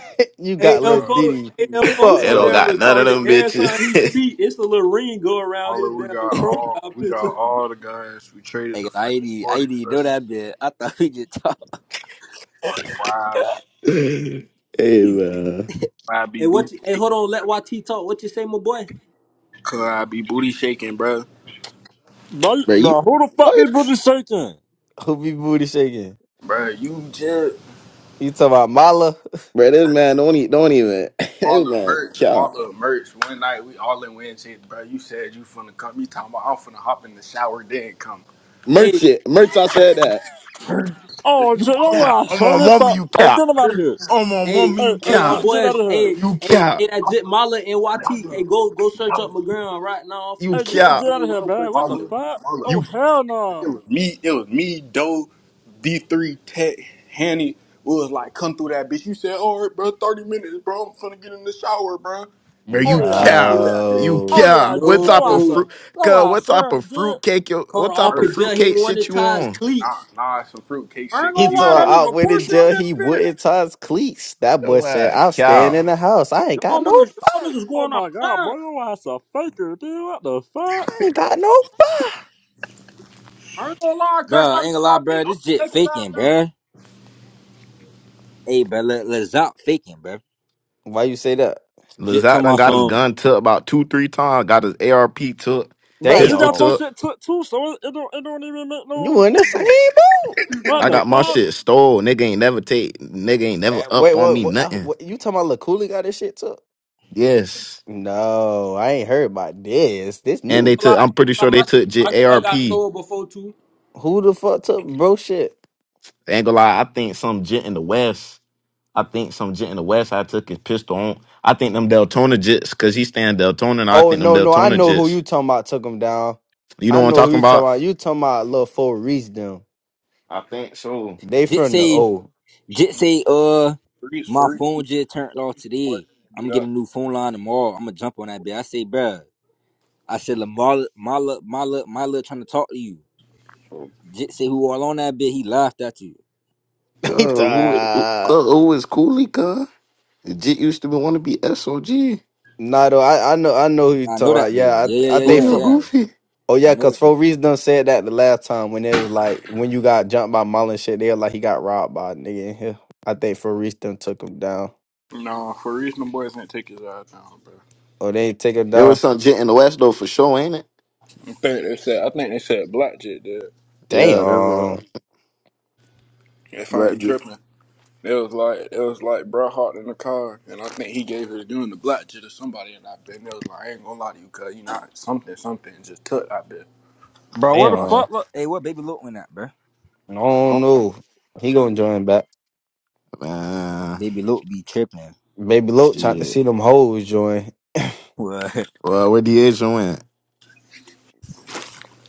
Speaker 1: you
Speaker 5: Hey,
Speaker 1: got Lil
Speaker 6: Bro,
Speaker 5: M4,
Speaker 1: Diddy
Speaker 5: hey, M4
Speaker 2: They
Speaker 1: fucked
Speaker 5: so
Speaker 2: don't
Speaker 5: damn
Speaker 1: up.
Speaker 2: got none of
Speaker 5: retarded.
Speaker 2: them
Speaker 5: Every time he
Speaker 2: bitches.
Speaker 5: speak, it's a little ring go around
Speaker 6: all
Speaker 5: his
Speaker 6: of we
Speaker 5: damn
Speaker 6: got all
Speaker 5: profile
Speaker 6: we got
Speaker 5: picture.
Speaker 6: all the guns. We traded the
Speaker 4: Nigga, I ain't
Speaker 6: fucking
Speaker 4: even, I
Speaker 6: forty
Speaker 4: ain't even know
Speaker 6: plus.
Speaker 4: that bit. I thought we just talked.
Speaker 6: Wise.
Speaker 2: hey, man.
Speaker 6: I be
Speaker 5: Hey, what you,
Speaker 6: booty
Speaker 5: hey, hold
Speaker 6: shaking.
Speaker 5: on, let YT talk. What you say, my boy?
Speaker 6: Cause I be booty shaking, bro.
Speaker 4: Bro,
Speaker 2: Bro, you,
Speaker 4: bro, who the fuck this
Speaker 2: what?
Speaker 4: brother shaking?
Speaker 1: Who be booty shaking?
Speaker 6: Bro, you just
Speaker 1: You talking about Mala?
Speaker 2: Bro, this man don't, e- don't even, this
Speaker 6: Marla
Speaker 2: man,
Speaker 6: merch,
Speaker 2: cow.
Speaker 6: Marla merch. One night we all in win shit, bro. You said you finna come. You talking about I'm finna hop in the shower then come.
Speaker 5: Hey,
Speaker 2: Merchant. Merch, I said that.
Speaker 6: Merch. This is
Speaker 4: Oh,
Speaker 2: You
Speaker 4: you know
Speaker 6: Marla
Speaker 2: cap.
Speaker 4: what, I
Speaker 2: On
Speaker 6: merch.
Speaker 2: my
Speaker 4: son? If
Speaker 2: mama,
Speaker 4: I,
Speaker 2: you
Speaker 4: hey,
Speaker 2: cap.
Speaker 4: get him out of
Speaker 6: It
Speaker 4: here.
Speaker 2: On my
Speaker 5: Hey,
Speaker 2: mama,
Speaker 4: Hey,
Speaker 2: you
Speaker 5: hey,
Speaker 4: hey,
Speaker 5: y'all
Speaker 2: cap.
Speaker 4: get, get out of
Speaker 5: boys.
Speaker 4: here.
Speaker 6: was
Speaker 5: Hey,
Speaker 2: You
Speaker 5: hey, hey,
Speaker 2: cap.
Speaker 5: that
Speaker 6: Marla,
Speaker 5: Jit Mala NYT. Hey,
Speaker 6: Marla,
Speaker 5: go, go search up
Speaker 6: Marla,
Speaker 5: McGround right now. I'm finna
Speaker 2: You
Speaker 4: Hey,
Speaker 5: show y'all
Speaker 4: get,
Speaker 2: cap.
Speaker 4: get out
Speaker 5: boys
Speaker 4: of
Speaker 5: what
Speaker 4: here,
Speaker 5: I'm
Speaker 4: man.
Speaker 5: cutting
Speaker 4: What the
Speaker 6: Marla,
Speaker 5: on.
Speaker 4: fuck?
Speaker 6: Marla.
Speaker 4: Oh,
Speaker 2: You
Speaker 4: hell
Speaker 6: It
Speaker 4: no.
Speaker 6: was me. It was me. Doe, D three Tech, Hanny. We was like, come through that bitch. You said, all right, bro, thirty minutes, bro. I'm finna get in the shower, bro.
Speaker 2: where
Speaker 6: Never
Speaker 4: Oh,
Speaker 2: you
Speaker 4: yeah.
Speaker 6: came through
Speaker 2: cap.
Speaker 4: yeah.
Speaker 6: that bitch.
Speaker 2: You
Speaker 4: Oh,
Speaker 1: No.
Speaker 4: yeah.
Speaker 2: cap.
Speaker 4: Get
Speaker 2: What
Speaker 5: No,
Speaker 4: your
Speaker 2: type of
Speaker 4: ass up.
Speaker 2: fruit?
Speaker 4: Your
Speaker 2: Cuz what
Speaker 4: ass
Speaker 2: type of
Speaker 4: up, dude.
Speaker 2: fruit cake? You,
Speaker 5: caught
Speaker 2: what type
Speaker 5: off
Speaker 2: of
Speaker 5: his
Speaker 6: Merch.
Speaker 5: jail.
Speaker 2: fruit
Speaker 5: He
Speaker 2: cake shit
Speaker 5: wanted
Speaker 2: you
Speaker 5: ties
Speaker 2: on?
Speaker 6: Nah,
Speaker 5: cleats.
Speaker 6: nah, it's some fruitcake
Speaker 5: I ain't
Speaker 6: shit.
Speaker 1: He
Speaker 6: When
Speaker 5: gonna
Speaker 6: you
Speaker 1: talking
Speaker 5: lie,
Speaker 1: about
Speaker 5: that
Speaker 6: said
Speaker 1: out
Speaker 5: nigga
Speaker 1: with the
Speaker 5: push on
Speaker 1: jail,
Speaker 5: this
Speaker 1: he
Speaker 5: bitch.
Speaker 1: wouldn't tie his cleats. That boy
Speaker 2: Yo,
Speaker 1: said,
Speaker 2: uh,
Speaker 1: I'm staying
Speaker 2: cap.
Speaker 1: in the house. I ain't got
Speaker 5: Y'all
Speaker 1: no
Speaker 5: niggas,
Speaker 1: fire.
Speaker 5: y'all niggas
Speaker 4: Oh,
Speaker 5: going
Speaker 4: my God,
Speaker 5: outside.
Speaker 4: bro. Your ass a faker, dude. What the fuck?
Speaker 1: I ain't got no fire.
Speaker 5: I ain't gonna lie, I cursed
Speaker 4: Bro,
Speaker 5: out
Speaker 4: ain't gonna
Speaker 5: NYT.
Speaker 4: lie,
Speaker 5: I'm
Speaker 4: bro.
Speaker 5: gonna
Speaker 4: This shit
Speaker 5: take his ass
Speaker 4: faking,
Speaker 5: down.
Speaker 4: bro. Hey, bro, let, let Zop faking, bro.
Speaker 1: Why you say that?
Speaker 4: Jit
Speaker 2: Lazat
Speaker 4: talking
Speaker 2: done
Speaker 4: about
Speaker 2: got his
Speaker 4: some.
Speaker 2: gun took about two, three times. Got his ARP took,
Speaker 4: Bro, you
Speaker 2: pistol
Speaker 4: got
Speaker 1: Damn.
Speaker 4: your
Speaker 2: took.
Speaker 4: shit took too, so it, it don't it don't even make
Speaker 1: You
Speaker 4: no
Speaker 1: in the same
Speaker 4: difference.
Speaker 1: boat.
Speaker 4: What
Speaker 2: I
Speaker 4: the
Speaker 2: got my
Speaker 4: fuck?
Speaker 2: shit stole. Nigga ain't never take. Nigga ain't never
Speaker 1: Eh,
Speaker 2: up
Speaker 1: Wait,
Speaker 2: on
Speaker 1: wait,
Speaker 2: me
Speaker 1: what, uh,
Speaker 2: nothing.
Speaker 1: what you talking about Lil Cooley got this shit too?
Speaker 2: Yes.
Speaker 1: No, I ain't heard about this. This
Speaker 2: And they
Speaker 5: Ain't
Speaker 1: new.
Speaker 5: gonna
Speaker 2: took.
Speaker 5: lie,
Speaker 2: I'm
Speaker 5: ain't
Speaker 2: pretty
Speaker 5: gonna
Speaker 2: sure
Speaker 5: lie.
Speaker 2: they
Speaker 5: My,
Speaker 2: took
Speaker 5: shit-
Speaker 2: J-
Speaker 5: my gun
Speaker 2: ARP.
Speaker 5: got stolen before too.
Speaker 1: Who the fuck took bro shit?
Speaker 2: Ain't gonna lie, I think some jit in the West. I think some jit in the West. I took his pistol on. I think them Deltona jits, cause he stand Deltona, and I
Speaker 1: Oh
Speaker 2: think them
Speaker 1: no, no, I
Speaker 2: Deltona
Speaker 1: know who
Speaker 2: jits.
Speaker 1: you talking about took him down.
Speaker 2: You know
Speaker 1: I
Speaker 2: what I'm
Speaker 1: know who
Speaker 2: talking
Speaker 1: you talking
Speaker 2: about?
Speaker 1: about. You talking about little four reach them.
Speaker 2: I think so.
Speaker 1: They from the
Speaker 4: Jitsi,
Speaker 1: O.
Speaker 4: Jitsi, uh,
Speaker 6: Freeze,
Speaker 4: my
Speaker 6: freeze,
Speaker 4: phone just turned off
Speaker 6: freeze them boys
Speaker 4: today. I'm
Speaker 6: didn't
Speaker 4: gonna
Speaker 6: do
Speaker 4: get a
Speaker 6: that.
Speaker 4: new phone line tomorrow. I'm gonna jump on that bitch. I say, bruh, I said, Lamar, my look, my look, my look trying to talk to you.
Speaker 6: So,
Speaker 4: Jitsi, who all on that bitch, he laughed at you.
Speaker 2: Cuz,
Speaker 1: They
Speaker 2: who, who,
Speaker 1: ta-
Speaker 2: cuz, who is Cooley, cuz? The Jit used to be want to be SOG.
Speaker 1: nah though. I, I know I know who you
Speaker 4: I know
Speaker 1: talking
Speaker 4: that
Speaker 1: about.
Speaker 4: dude.
Speaker 1: Yeah,
Speaker 4: Yeah,
Speaker 1: I I
Speaker 4: yeah,
Speaker 1: think
Speaker 4: yeah, yeah,
Speaker 2: Cooley or
Speaker 1: for
Speaker 4: yeah.
Speaker 2: Goofy?
Speaker 1: oh
Speaker 4: I
Speaker 1: yeah,
Speaker 4: know
Speaker 1: cause
Speaker 4: that dude.
Speaker 1: four reach them said that the last time when it was like when you got jumped by Mullen and shit, they was like he got robbed by a nigga in here. I think for reach them took him down.
Speaker 6: no, for reason them boys ain't take his eyes down, bro.
Speaker 1: Oh they ain't take him
Speaker 2: There
Speaker 1: down.
Speaker 2: was some Jit in the West, though, for sure, ain't it?
Speaker 6: I think they said I think they said Blackjet did.
Speaker 2: Yeah, that's
Speaker 1: Damn.
Speaker 2: right.
Speaker 6: If I ain't
Speaker 2: black
Speaker 6: tripping. It was like it was like Bret Hart in the car and I think he gave it doing the black Blackjet to somebody and I been, it was like I ain't gonna lie to you cuz you not something something just took I been,
Speaker 4: Bro, where the
Speaker 1: Damn.
Speaker 4: fuck look Hey, what baby Luke went at, bruh?
Speaker 1: I don't know. He gonna join back.
Speaker 2: But, man,
Speaker 4: Baby Luke be tripping.
Speaker 1: Baby Loke tried to
Speaker 2: shit.
Speaker 1: see them hoes join.
Speaker 4: Well,
Speaker 2: Well, where the Asian went?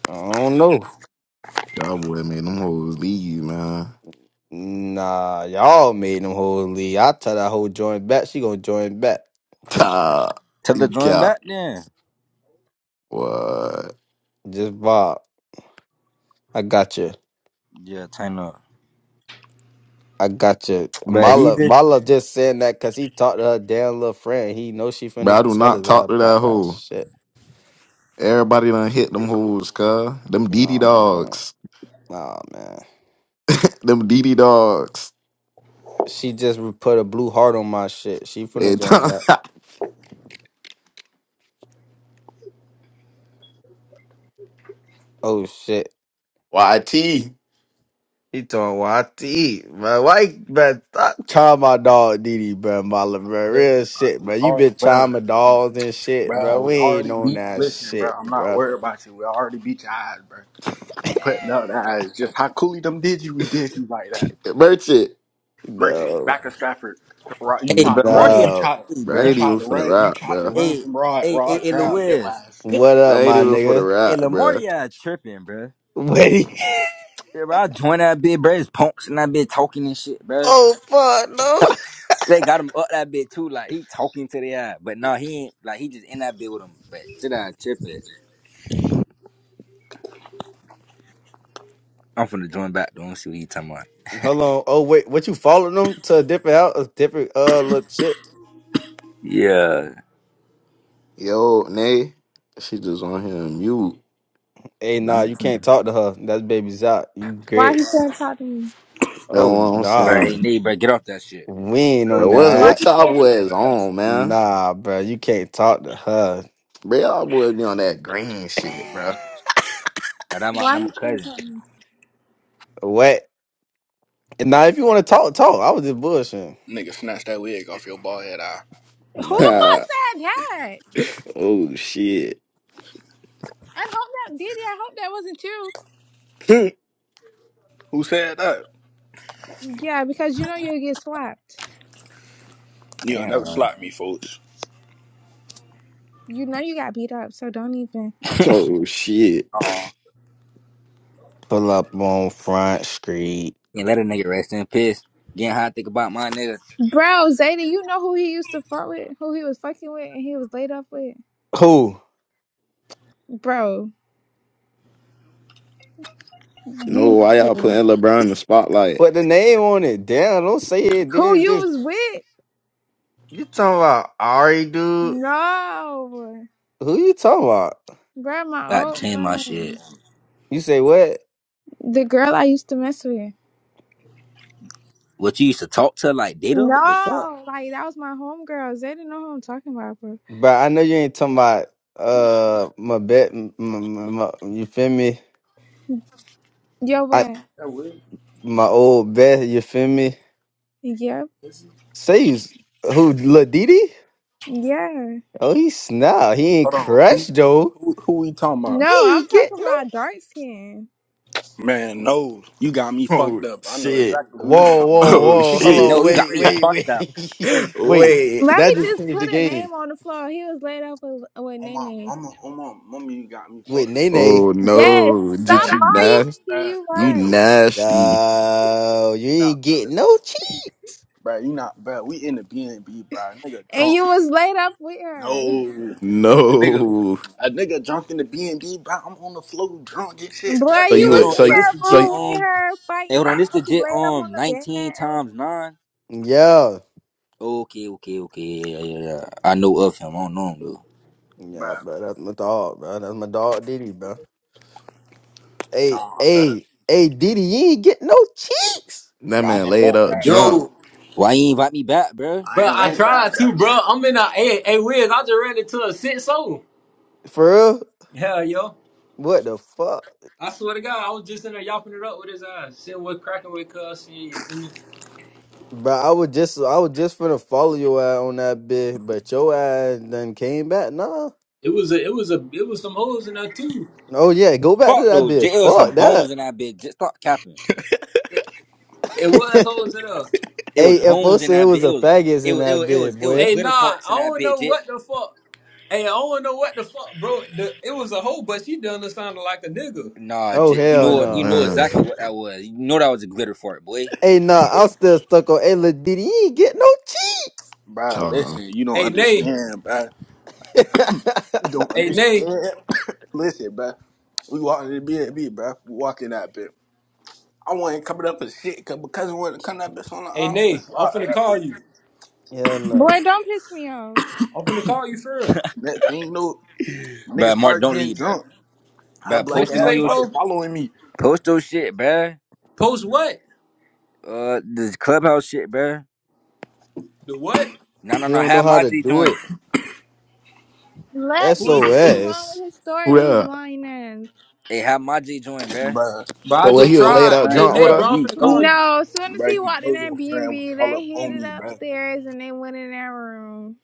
Speaker 1: I don't know.
Speaker 2: Y'all boy made them hoes leave, man.
Speaker 1: Nah, y'all made them hoes leave. I tell that hoe join back. She gonna join back.
Speaker 2: Nah,
Speaker 4: tell the
Speaker 2: you
Speaker 4: join
Speaker 2: cap.
Speaker 4: back then.
Speaker 2: What?
Speaker 1: Just Bob. I got you.
Speaker 4: Yeah, turn up.
Speaker 1: I got you.
Speaker 4: Bruh, he
Speaker 1: Mala,
Speaker 4: just
Speaker 1: Mala just saying that because he talked to her damn little friend. He knows she
Speaker 2: Bro,
Speaker 1: finna
Speaker 2: I do
Speaker 1: tell
Speaker 2: not
Speaker 1: his ass
Speaker 2: talk to
Speaker 1: about
Speaker 2: that
Speaker 1: that
Speaker 2: hoe.
Speaker 1: shit.
Speaker 2: Everybody done hit them hoes, cuz. Them DD
Speaker 1: Nah, no,
Speaker 2: dogs.
Speaker 1: Nah, man.
Speaker 2: Them DD dogs.
Speaker 1: She just re- put a blue heart on my shit. She
Speaker 2: They
Speaker 1: finna join
Speaker 2: talk-
Speaker 1: back. Oh, shit.
Speaker 2: YT.
Speaker 1: Itawati, man. Why, man? Stop trying my dog Didi, bro. Mala, bro.
Speaker 6: Tell
Speaker 1: Real
Speaker 6: you, Like,
Speaker 1: shit,
Speaker 6: we
Speaker 1: bro. You
Speaker 6: already,
Speaker 1: been trying
Speaker 6: bro,
Speaker 1: my dogs and shit,
Speaker 6: bro,
Speaker 1: bro. We
Speaker 6: we
Speaker 1: ain't
Speaker 6: already
Speaker 1: on
Speaker 6: beat
Speaker 1: that
Speaker 6: listen, bro,
Speaker 1: shit,
Speaker 6: I'm not
Speaker 1: bro.
Speaker 6: worried about you. We already beat your eyes, bro. We putting out the eyes just how coolly them did you, we did you like that.
Speaker 2: Merchant.
Speaker 6: Merchant,
Speaker 1: No,
Speaker 6: back to Stafford. Rod, you
Speaker 4: Hey,
Speaker 6: tried
Speaker 4: bro,
Speaker 6: to run.
Speaker 4: Morty,
Speaker 6: You
Speaker 4: at
Speaker 1: no.
Speaker 6: tried.
Speaker 4: me,
Speaker 2: Bro, I
Speaker 6: You
Speaker 2: ain't
Speaker 4: bro.
Speaker 6: tried
Speaker 2: even
Speaker 6: to
Speaker 2: finna
Speaker 6: run. You
Speaker 2: rap,
Speaker 6: tried to
Speaker 2: bro.
Speaker 6: run
Speaker 4: Hey,
Speaker 6: from Rod.
Speaker 4: hey, hey,
Speaker 6: Rod
Speaker 4: hey,
Speaker 6: grabbed your
Speaker 4: Louis.
Speaker 6: ass.
Speaker 1: What
Speaker 2: Bro, I
Speaker 1: up,
Speaker 2: ain't
Speaker 1: my
Speaker 2: even finna
Speaker 1: nigga?
Speaker 4: Hey,
Speaker 2: rap, bro.
Speaker 4: Lamortia tripping, bro.
Speaker 1: Wait.
Speaker 4: Yeah, bro, I joined that bit, bro. It's punks and that bit talking and shit, bro.
Speaker 1: oh fuck, no.
Speaker 4: They got him up that bit too, like he talking to the eye. But no, he ain't like he just in that bit with him. But shit, I tripping. I'm finna join back though and see what he talking about.
Speaker 1: Hold on. Oh wait, what you following them to a different house, a different uh look shit?
Speaker 4: Yeah,
Speaker 2: Yo, Nay. She just on here and mute.
Speaker 1: Hey,
Speaker 4: but
Speaker 1: nah,
Speaker 4: I'm,
Speaker 1: you can't talk to her. That's baby's out. You
Speaker 3: Why
Speaker 1: great.
Speaker 3: he can't talk to me?
Speaker 2: Know
Speaker 1: Oh
Speaker 2: what I'm
Speaker 4: bro.
Speaker 1: nah,
Speaker 4: Hey,
Speaker 2: saying?
Speaker 4: nigga, bro, get off that shit.
Speaker 1: we ain't
Speaker 6: Real
Speaker 2: Bro,
Speaker 1: on
Speaker 6: deal, bro.
Speaker 2: what,
Speaker 1: that.
Speaker 3: Why
Speaker 2: what
Speaker 6: Your
Speaker 3: he
Speaker 2: y'all
Speaker 3: can't?
Speaker 6: bald head
Speaker 2: boys
Speaker 6: ass.
Speaker 2: on, man?
Speaker 1: Nah, bro, you can't talk to her.
Speaker 2: Bro, y'all boys be on that green shit, bro.
Speaker 4: Now that my
Speaker 3: Why
Speaker 4: that my
Speaker 3: he can't
Speaker 4: cousin.
Speaker 3: talk to me?
Speaker 1: What? Nah, if you want to talk, talk. I was just bullshitting.
Speaker 6: Nigga, snatch that wig off your bald head eye.
Speaker 3: Who the
Speaker 1: Nah,
Speaker 3: fuck said that?
Speaker 2: oh, shit.
Speaker 3: I hope that Didi. I hope that wasn't you.
Speaker 6: Who said that?
Speaker 3: Yeah, because you know you'll get slapped.
Speaker 6: You'll never
Speaker 4: Damn,
Speaker 6: slap me, folks.
Speaker 3: You know you got beat up, so don't even.
Speaker 2: Oh shit.
Speaker 6: Uh,
Speaker 1: pull up on Front Street.
Speaker 4: can't let a nigga rest in piss. Getting high, think about my nigga.
Speaker 3: Bro, Zayda, you know who he used to fuck with, who he was fucking with, and he was laid up with.
Speaker 1: Who?
Speaker 3: Bro,
Speaker 2: You know
Speaker 3: you
Speaker 2: why
Speaker 3: know
Speaker 2: y'all
Speaker 3: who,
Speaker 2: putting LeBron in the spotlight?
Speaker 1: Put the name on it. Damn, don't say it.
Speaker 3: who
Speaker 1: Then
Speaker 3: you
Speaker 1: just
Speaker 3: was with?
Speaker 1: you talking about Ari, dude?
Speaker 3: No,
Speaker 1: Who you talking about?
Speaker 3: bro, my
Speaker 4: Got to
Speaker 3: old
Speaker 4: change my shit.
Speaker 3: friend,
Speaker 1: You say what?
Speaker 3: the girl I used to mess with.
Speaker 4: What you used to talk to her like data? What the fuck?
Speaker 3: No, like that was my homegirl. Zayda know who I'm talking about, bro.
Speaker 1: But I know you ain't talking about uh my bet. m- m- m- my- You feel me?
Speaker 3: Yo,
Speaker 1: I
Speaker 3: what?
Speaker 6: that wig.
Speaker 1: my old bet. You feel me?
Speaker 3: Yep,
Speaker 6: Is he?
Speaker 1: Say you s- who? Lil Didi?
Speaker 3: yeah.
Speaker 1: Oh, he snap. He ain't
Speaker 6: Hold on. Who,
Speaker 1: crushed though.
Speaker 6: who? Who we talking about?
Speaker 3: No,
Speaker 1: You
Speaker 3: I'm
Speaker 1: ain't get
Speaker 3: talking
Speaker 1: no.
Speaker 3: about dark skin.
Speaker 6: Man, no. You got me
Speaker 2: Oh
Speaker 6: fucked up. I know
Speaker 2: shit.
Speaker 6: exactly who you
Speaker 1: Whoa,
Speaker 6: talking
Speaker 1: whoa,
Speaker 6: about.
Speaker 2: Oh
Speaker 4: He
Speaker 1: whoa.
Speaker 4: say,
Speaker 1: Hello,
Speaker 4: no,
Speaker 2: shit.
Speaker 4: you got
Speaker 1: wait,
Speaker 4: me
Speaker 6: Hey,
Speaker 1: wait,
Speaker 4: fucked up.
Speaker 1: wait,
Speaker 6: hey.
Speaker 1: wait.
Speaker 2: Wait.
Speaker 3: Let
Speaker 1: That
Speaker 3: me
Speaker 1: just
Speaker 3: just
Speaker 1: changed
Speaker 3: put
Speaker 1: the
Speaker 3: a
Speaker 1: game.
Speaker 3: name on the floor. He was laid up with, with
Speaker 6: On my
Speaker 3: Nene.
Speaker 6: mama, on my mama, you got me
Speaker 1: With
Speaker 6: fucked up.
Speaker 1: Nene,
Speaker 2: Oh
Speaker 3: Yes,
Speaker 2: no.
Speaker 3: stop
Speaker 2: Did
Speaker 6: Bad,
Speaker 2: you
Speaker 3: lying,
Speaker 2: nasty?
Speaker 3: Didi.
Speaker 6: bad.
Speaker 3: You
Speaker 2: You
Speaker 6: No,
Speaker 3: was.
Speaker 6: no,
Speaker 2: nasty.
Speaker 6: bad.
Speaker 1: uh, you
Speaker 6: You
Speaker 1: ain't
Speaker 6: not.
Speaker 1: get no cheat.
Speaker 6: bro. You not, bro. We in the BNB, bro. Nigga
Speaker 3: And
Speaker 6: drunk.
Speaker 3: you was laid up with her.
Speaker 6: No, a nigga,
Speaker 2: No.
Speaker 6: a nigga drunk in the BNB, bro. I'm on the floor drunk and shit, bro.
Speaker 3: Boy,
Speaker 2: So
Speaker 4: Wait,
Speaker 3: you
Speaker 2: you
Speaker 4: hold
Speaker 3: was in
Speaker 4: on.
Speaker 2: so
Speaker 4: Hey,
Speaker 6: Bro,
Speaker 2: you-
Speaker 4: this
Speaker 3: that
Speaker 2: so
Speaker 4: legit
Speaker 2: you-
Speaker 3: room with
Speaker 4: um
Speaker 3: her
Speaker 4: hey hold
Speaker 6: bro,
Speaker 3: fighting.
Speaker 4: on, this
Speaker 3: I was
Speaker 4: legit
Speaker 3: laid up on
Speaker 4: um
Speaker 3: the bed
Speaker 4: nineteen
Speaker 3: and everything.
Speaker 4: times nine.
Speaker 1: Yeah,
Speaker 4: Okay, okay, okay, yeah, yeah, yeah. yeah. I know of him. I don't know him though.
Speaker 6: bro.
Speaker 1: yeah, bro. That's my dog, bro. That's my dog, Diddy, bro. Hey,
Speaker 6: Nah, bro.
Speaker 1: hey, hey, Diddy, you ain't get no cheeks
Speaker 2: that
Speaker 6: bro. I
Speaker 2: man
Speaker 6: didn't
Speaker 2: laid
Speaker 6: want
Speaker 2: up
Speaker 6: that, bro.
Speaker 2: drunk.
Speaker 5: Yo,
Speaker 4: Why you invite me back, bruh?
Speaker 6: I
Speaker 5: bro,
Speaker 6: ain't
Speaker 5: I
Speaker 6: want that,
Speaker 5: tried
Speaker 6: bro.
Speaker 5: to, bro. I'm in a hey, hey, Wiz. I just ran into a six zone.
Speaker 1: for real.
Speaker 5: Hell, yo.
Speaker 1: What the fuck?
Speaker 5: I swear to God, I was just in there yapping it up with his eyes, seeing what cracking with cuz shit, you feel me?
Speaker 1: Bro, I was just I was just finna follow your ass on that bit, but your ass done came back. Nah.
Speaker 5: It was a it was a it was some hoes in there too.
Speaker 1: Oh yeah, go back to
Speaker 4: Fuck
Speaker 1: that
Speaker 4: though,
Speaker 1: bit.
Speaker 4: J- it was some
Speaker 1: Fuck
Speaker 4: bones
Speaker 1: that.
Speaker 4: in that bitch. Just stop capping.
Speaker 5: It, it was hoes in there.
Speaker 4: It was
Speaker 1: hey, FO
Speaker 4: bones in
Speaker 1: said it
Speaker 4: that bitch.
Speaker 1: was
Speaker 4: It
Speaker 1: a
Speaker 4: was
Speaker 1: faggots
Speaker 4: it
Speaker 1: in
Speaker 4: was it
Speaker 1: that
Speaker 4: was it was,
Speaker 1: bit,
Speaker 4: it was
Speaker 1: boy.
Speaker 5: Hey nah,
Speaker 4: glitter
Speaker 5: I
Speaker 4: farts in that
Speaker 5: don't know
Speaker 4: bitch. It,
Speaker 5: what the fuck. Hey, I don't know what the fuck, bro. The, it was a hoe, but she done it sounded like a nigga.
Speaker 4: nah,
Speaker 1: Oh
Speaker 4: J- you
Speaker 1: hell
Speaker 4: know
Speaker 2: Oh
Speaker 4: what you
Speaker 1: no.
Speaker 4: know
Speaker 2: man.
Speaker 4: exactly what that was. You know that was a glitter fart, boy.
Speaker 1: Hey nah, I'm still stuck on hey Lil Diddy, you ain't get no
Speaker 6: Bro,
Speaker 2: So,
Speaker 6: listen, you don't
Speaker 5: Hey Nay,
Speaker 6: understand, bro.
Speaker 1: cheat.
Speaker 6: You don't
Speaker 5: hey Nay,
Speaker 6: understand. listen, bro. We walked in the BNB, bro. We walking that bitch. I wasn't coming up for shit, cause because I wasn't coming that bitch on the
Speaker 5: hey
Speaker 6: arm from the
Speaker 5: Nay, I'm
Speaker 6: slot of
Speaker 5: finna
Speaker 6: that
Speaker 5: call
Speaker 6: bitch.
Speaker 5: you.
Speaker 1: hell no.
Speaker 3: Boy, don't piss me off.
Speaker 5: I'm finna call you for real.
Speaker 6: Next thing you know, niggas
Speaker 4: Bruh, Mark,
Speaker 6: start
Speaker 4: don't
Speaker 6: getting
Speaker 4: leave, bruh.
Speaker 6: drunk. Her
Speaker 4: Bruh,
Speaker 6: black
Speaker 5: What you
Speaker 4: posting
Speaker 6: ass
Speaker 4: on
Speaker 5: say,
Speaker 4: your sh-
Speaker 6: started
Speaker 5: fo?
Speaker 6: following me,
Speaker 4: post your shit, bruh.
Speaker 5: Post what?
Speaker 4: Uh, this clubhouse shit, bruh.
Speaker 5: The what?
Speaker 4: No, no,
Speaker 1: You
Speaker 4: no.
Speaker 1: don't know
Speaker 4: Have
Speaker 1: how
Speaker 4: my
Speaker 1: to
Speaker 4: G
Speaker 1: do it.
Speaker 4: join.
Speaker 3: Let
Speaker 5: Who is?
Speaker 3: Didi keep going
Speaker 1: SOS.
Speaker 3: with his story
Speaker 2: who
Speaker 3: with his
Speaker 2: that?
Speaker 3: lying ass.
Speaker 4: Hey, have my G join, bruh.
Speaker 6: bruh.
Speaker 5: Bro, I
Speaker 2: So when
Speaker 5: just
Speaker 2: he was
Speaker 6: Your
Speaker 2: laid
Speaker 5: tried.
Speaker 2: out
Speaker 5: Hey
Speaker 6: friend,
Speaker 2: drunk with
Speaker 5: Nay, bro,
Speaker 6: bruh.
Speaker 2: her?
Speaker 5: I'm
Speaker 6: You
Speaker 5: finna call
Speaker 6: know,
Speaker 5: you.
Speaker 3: No, as soon as he
Speaker 6: bruh. You
Speaker 3: walked in
Speaker 6: know your
Speaker 3: that
Speaker 6: friend was
Speaker 3: B&B,
Speaker 6: all up
Speaker 3: they hid
Speaker 6: on
Speaker 3: it
Speaker 6: me, bruh.
Speaker 3: upstairs and they went in that room.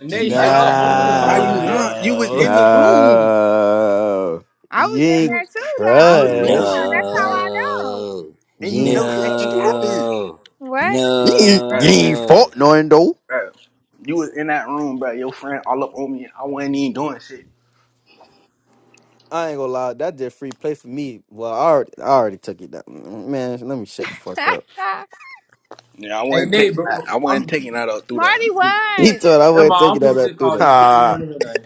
Speaker 5: Nay,
Speaker 6: See now
Speaker 5: shut
Speaker 6: you,
Speaker 2: Oh
Speaker 5: up. I'm finna
Speaker 6: now
Speaker 5: call you,
Speaker 6: you
Speaker 2: man.
Speaker 6: lying.
Speaker 5: girl.
Speaker 6: You was
Speaker 1: No.
Speaker 6: in the room.
Speaker 2: No.
Speaker 3: I was
Speaker 1: you
Speaker 3: in
Speaker 6: You
Speaker 1: ain't
Speaker 3: there
Speaker 6: was,
Speaker 3: too, though. I
Speaker 6: you
Speaker 3: was
Speaker 6: was in the
Speaker 3: with
Speaker 1: crush.
Speaker 3: y'all.
Speaker 6: room,
Speaker 3: That's how
Speaker 6: bruh.
Speaker 3: I know.
Speaker 4: No,
Speaker 6: And
Speaker 1: You
Speaker 6: you
Speaker 1: ain't
Speaker 6: know shit
Speaker 1: crushed
Speaker 6: ain't
Speaker 1: though.
Speaker 6: happened,
Speaker 4: no,
Speaker 3: What?
Speaker 1: You ain't, you
Speaker 6: bruh.
Speaker 1: ain't
Speaker 4: no.
Speaker 1: fought none though.
Speaker 6: Bruh. You was in that room, bruh. Your friend all up on me. I wasn't even doing shit.
Speaker 1: I ain't gonna lie, that did free play for me. Well, I already, I already took it down. Man, let me shut the fuck up.
Speaker 6: Yeah, I
Speaker 5: Hey,
Speaker 6: wasn't
Speaker 5: Nate,
Speaker 6: taking
Speaker 5: bro,
Speaker 6: that. I
Speaker 5: I'm.
Speaker 6: wasn't taking that up through there.
Speaker 5: Let
Speaker 3: Marty,
Speaker 5: me just.
Speaker 1: He
Speaker 3: what?
Speaker 1: thought I
Speaker 5: Never
Speaker 1: wasn't
Speaker 5: mind,
Speaker 1: taking
Speaker 5: I'm
Speaker 1: that
Speaker 5: finna
Speaker 1: up
Speaker 5: just
Speaker 1: through
Speaker 5: call
Speaker 1: the
Speaker 5: you. I don't even
Speaker 2: Ha.
Speaker 5: want to hear nothing.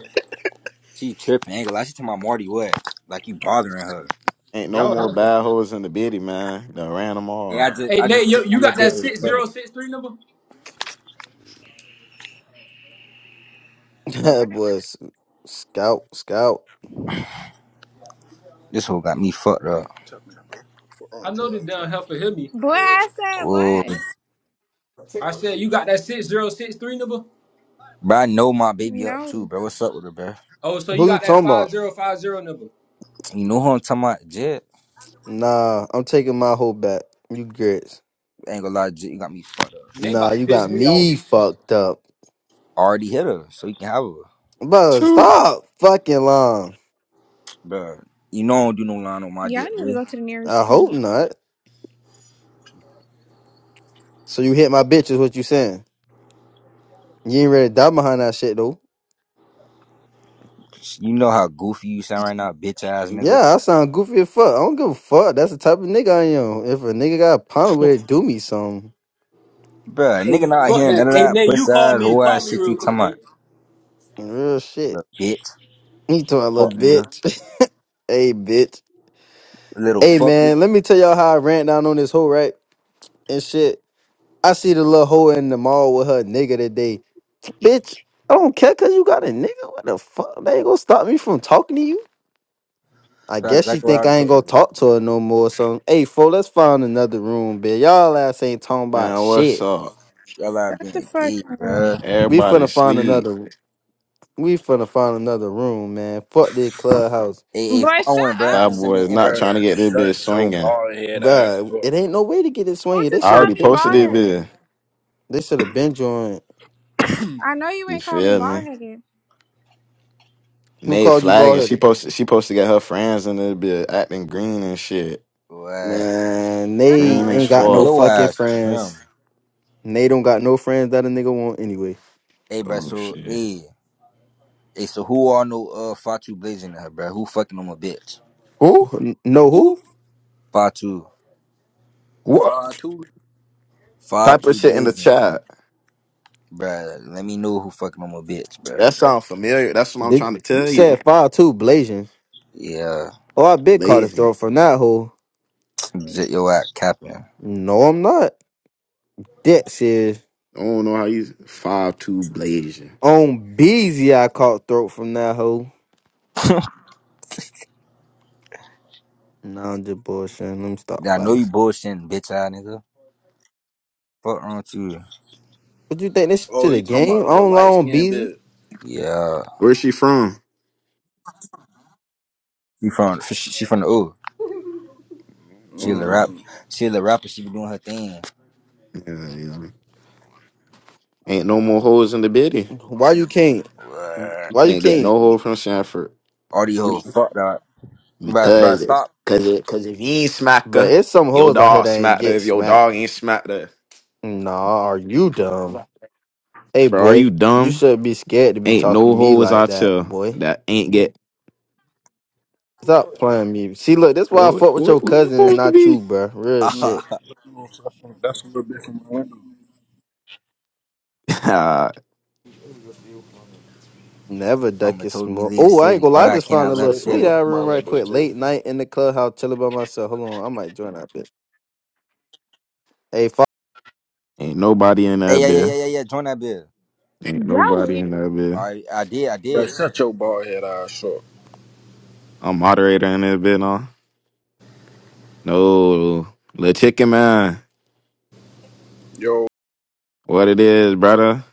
Speaker 4: She tripping. Ain't gonna lie. She talking about Marty what? Like you bothering her?
Speaker 2: Ain't
Speaker 5: That
Speaker 2: no
Speaker 5: was
Speaker 2: more
Speaker 5: another thing.
Speaker 2: bad
Speaker 5: man.
Speaker 2: hoes in the bitty, man. Done ran them
Speaker 4: Yeah,
Speaker 2: all.
Speaker 4: I just,
Speaker 5: Hey,
Speaker 4: I
Speaker 5: Nate,
Speaker 4: just
Speaker 5: yo,
Speaker 4: sent my
Speaker 5: you
Speaker 4: little
Speaker 5: got that
Speaker 4: bit of
Speaker 5: six zero
Speaker 4: request.
Speaker 5: six three number?
Speaker 1: that
Speaker 3: What?
Speaker 1: boys. Scout, scout.
Speaker 4: This whole got me fucked up.
Speaker 6: Tough minute, bro. What wrong
Speaker 5: I
Speaker 6: with
Speaker 5: know the
Speaker 6: your
Speaker 5: damn helper hear me.
Speaker 3: Boy, I said
Speaker 4: Oh,
Speaker 3: what?
Speaker 5: I said you got that six zero six three number.
Speaker 4: bro, I know my baby up too,
Speaker 3: No.
Speaker 4: bro. What's up with her, bro?
Speaker 5: Oh, so you
Speaker 1: Who you
Speaker 5: got that
Speaker 1: talking
Speaker 5: five
Speaker 1: about?
Speaker 5: zero five zero number?
Speaker 4: You know who I'm talking about? Jet.
Speaker 1: Nah, I'm taking my whole back. You grits.
Speaker 4: Ain't gonna lie, Jet, you got me fucked up.
Speaker 5: Nate
Speaker 1: Nah,
Speaker 5: about to
Speaker 1: you
Speaker 5: piss
Speaker 1: got
Speaker 5: me off.
Speaker 1: me fucked up.
Speaker 4: Already hit her, so you can have her.
Speaker 1: Bro, stop fucking long.
Speaker 4: Bruh, you know I don't do no line on my
Speaker 3: Y'all
Speaker 4: dick,
Speaker 3: need to
Speaker 4: bruh.
Speaker 3: go to the nearest
Speaker 1: I hope
Speaker 3: clinic.
Speaker 1: not. So you hit my bitch is what you saying. You ain't ready to die behind that shit though.
Speaker 4: You know how goofy you sound right now, bitch ass nigga.
Speaker 1: Yeah, I sound goofy as fuck. I don't give a fuck. That's the type of nigga I am. If a nigga got a problem with it, do me some
Speaker 4: Bruh,
Speaker 5: Hey,
Speaker 4: nigga not
Speaker 5: fuck
Speaker 4: hearing none
Speaker 5: that.
Speaker 4: of
Speaker 5: Hey,
Speaker 4: that
Speaker 5: Nate, you
Speaker 4: puss
Speaker 5: call
Speaker 4: ass,
Speaker 5: me.
Speaker 4: whole
Speaker 5: Call
Speaker 4: ass
Speaker 5: me
Speaker 4: shit
Speaker 5: real
Speaker 4: you talking
Speaker 5: quick,
Speaker 4: about.
Speaker 5: Nate.
Speaker 1: real shit.
Speaker 4: Little bitch.
Speaker 1: He told a
Speaker 4: Fuck
Speaker 1: little
Speaker 4: nigga.
Speaker 1: bitch. hey, bitch.
Speaker 4: Little
Speaker 1: Hey,
Speaker 4: fucker.
Speaker 1: man. Let me tell y'all how I ran down on this hoe, right? And shit. I see the little hoe in the mall with her nigga today. Bitch, I don't care cause you got a nigga. What the fuck? They ain't gonna stop me from talking to you. I
Speaker 4: That's
Speaker 1: guess she
Speaker 4: exactly what I
Speaker 1: think
Speaker 4: would've
Speaker 1: I ain't
Speaker 4: told
Speaker 1: gonna
Speaker 4: you.
Speaker 1: talk to her no more. So, hey, fo, let's find another room, bitch. Y'all ass ain't talking about
Speaker 2: Man, what's
Speaker 1: shit.
Speaker 2: up?
Speaker 4: Y'all are
Speaker 3: Shut the
Speaker 4: being
Speaker 3: fuck
Speaker 4: gay,
Speaker 3: up.
Speaker 4: bruh.
Speaker 1: We
Speaker 2: Everybody
Speaker 1: finna find
Speaker 2: sleep.
Speaker 1: another. We finna find another room, man. Fuck the clubhouse,
Speaker 4: Hey, hey,
Speaker 3: Boy,
Speaker 4: phone
Speaker 3: shut
Speaker 4: went, bruh,
Speaker 2: Y'all
Speaker 4: and
Speaker 3: up.
Speaker 4: send me
Speaker 2: boys
Speaker 4: an
Speaker 2: not
Speaker 4: invite.
Speaker 2: trying to
Speaker 6: Bruh,
Speaker 2: get this bitch
Speaker 6: shut your
Speaker 2: swinging.
Speaker 6: bald head ass
Speaker 1: bruh.
Speaker 6: up.
Speaker 1: It ain't no way to get it
Speaker 3: Who
Speaker 1: swinging. They
Speaker 3: just
Speaker 2: I
Speaker 1: should
Speaker 3: called
Speaker 1: have
Speaker 2: already
Speaker 3: me
Speaker 1: been
Speaker 2: posted
Speaker 3: bald
Speaker 2: this
Speaker 1: joined.
Speaker 3: headed?
Speaker 2: bitch.
Speaker 1: They should have been joined.
Speaker 3: I know you
Speaker 2: You
Speaker 3: ain't called me
Speaker 2: feel
Speaker 3: bald
Speaker 2: me?
Speaker 3: headed.
Speaker 1: Who
Speaker 2: Nate
Speaker 1: called you bald
Speaker 2: flagging. She
Speaker 1: headed?
Speaker 2: posted. She posted to get her friends in this bitch acting green and shit.
Speaker 4: What?
Speaker 1: Man,
Speaker 3: Shut
Speaker 1: they
Speaker 2: Green as
Speaker 1: ain't
Speaker 3: up.
Speaker 1: got
Speaker 4: Man,
Speaker 1: no
Speaker 2: fuck.
Speaker 4: Your
Speaker 1: fucking
Speaker 4: ass
Speaker 1: friends.
Speaker 4: trim.
Speaker 1: And They don't got no friends that a nigga want anyway.
Speaker 4: Hey, bruh,
Speaker 2: Oh
Speaker 4: so,
Speaker 2: shit.
Speaker 4: hey. Hey, so who all know uh Fatu Blazing that, bruh? Who fucking on my bitch?
Speaker 2: Who?
Speaker 1: N- No who?
Speaker 6: Who?
Speaker 4: Fatu.
Speaker 2: What?
Speaker 6: Five two.
Speaker 4: Five
Speaker 2: Type of shit in the
Speaker 4: blazing.
Speaker 2: chat.
Speaker 4: Bruh, let me know who fucking on my bitch, bruh.
Speaker 2: That sound familiar. That's what I'm
Speaker 1: Did
Speaker 2: trying to
Speaker 1: you
Speaker 2: tell you.
Speaker 1: said five two blazing?
Speaker 4: Yeah,
Speaker 1: Oh, I been caught a
Speaker 2: Blazing.
Speaker 1: throat from that hole.
Speaker 4: zip your ass capping.
Speaker 1: No, I'm not. That serious.
Speaker 2: I don't know how you five two blazing.
Speaker 1: On Beezy, I caught throat from that hole. Nah, I'm just bullshitting. Let me stop
Speaker 4: Yeah, I know
Speaker 1: fighting.
Speaker 4: you bullshitting, bitch ass nigga. Fuck wrong with you?
Speaker 1: What you think this
Speaker 6: Oh,
Speaker 1: shit a
Speaker 6: you talking about
Speaker 1: game?
Speaker 6: the
Speaker 1: I
Speaker 6: little
Speaker 1: don't lie
Speaker 6: light
Speaker 1: on
Speaker 6: skinned
Speaker 1: Beezy.
Speaker 6: bit?
Speaker 4: Yeah,
Speaker 2: Where's she from?
Speaker 4: she from she she from the O. She a little
Speaker 6: mm
Speaker 2: Oh,
Speaker 4: rap, she a little rapper. She be doing her thing.
Speaker 2: Yeah, yeah. Ain't no more hoes in the bitty.
Speaker 1: Why you can't?
Speaker 4: What?
Speaker 1: Why you
Speaker 2: Can't get
Speaker 1: can't?
Speaker 2: no hold from Sanford
Speaker 4: All these hoes
Speaker 2: because
Speaker 4: fucked up. Bruh, bruh,
Speaker 2: because it,
Speaker 4: stop.
Speaker 2: because if you ain't smack
Speaker 1: But
Speaker 2: her,
Speaker 1: it's some
Speaker 2: your
Speaker 1: hoes out here
Speaker 2: dog
Speaker 1: that ain't
Speaker 2: smacked her.
Speaker 1: get
Speaker 2: If your
Speaker 1: smacked.
Speaker 2: dog ain't smacked her,
Speaker 1: Nah, are you dumb?
Speaker 2: bro,
Speaker 1: Hey
Speaker 2: are you
Speaker 1: boy, you
Speaker 2: dumb?
Speaker 1: should be scared to be
Speaker 2: Ain't
Speaker 1: talking
Speaker 2: no
Speaker 1: to me
Speaker 2: hoes
Speaker 1: like
Speaker 2: out
Speaker 1: that,
Speaker 2: here
Speaker 1: boy.
Speaker 2: that ain't get.
Speaker 1: Stop playing me. See, look, that's
Speaker 2: Bro,
Speaker 1: why I
Speaker 2: what,
Speaker 1: fuck with
Speaker 2: what,
Speaker 1: your
Speaker 2: who you
Speaker 1: cousin and
Speaker 2: supposed to
Speaker 1: not
Speaker 2: be?
Speaker 1: you, bruh. Real
Speaker 6: mm.
Speaker 1: shit.
Speaker 6: That's a little bit from Orlando.
Speaker 2: Nah,
Speaker 1: Never duck
Speaker 4: Mama
Speaker 1: your
Speaker 4: told me
Speaker 1: smoke.
Speaker 4: leave the
Speaker 1: Oh, I ain't
Speaker 4: city,
Speaker 1: gonna
Speaker 4: but
Speaker 1: lie. I
Speaker 6: I
Speaker 4: I
Speaker 1: just found
Speaker 6: follow
Speaker 4: cannot
Speaker 1: a
Speaker 4: let her
Speaker 1: little
Speaker 6: straight
Speaker 4: feel
Speaker 1: sweet
Speaker 4: in.
Speaker 6: hoes
Speaker 1: hour
Speaker 6: from
Speaker 1: room right
Speaker 6: Orlando,
Speaker 1: quick.
Speaker 6: Jip.
Speaker 1: Late night in the clubhouse, chilling by myself. Hold on, I might join that bitch. Hey,
Speaker 2: ain't nobody in
Speaker 4: Hey,
Speaker 2: that
Speaker 4: yeah, yeah,
Speaker 2: bit.
Speaker 4: yeah, yeah, yeah. Join that bill.
Speaker 2: Ain't
Speaker 3: Y'all weird.
Speaker 2: nobody in that bit.
Speaker 4: All right, I did, I
Speaker 6: Bro,
Speaker 4: did.
Speaker 6: shut your bald head eyes short.
Speaker 2: I'm moderator in that bit, no. No, little chicken man.
Speaker 6: yo.
Speaker 2: What it is, brother?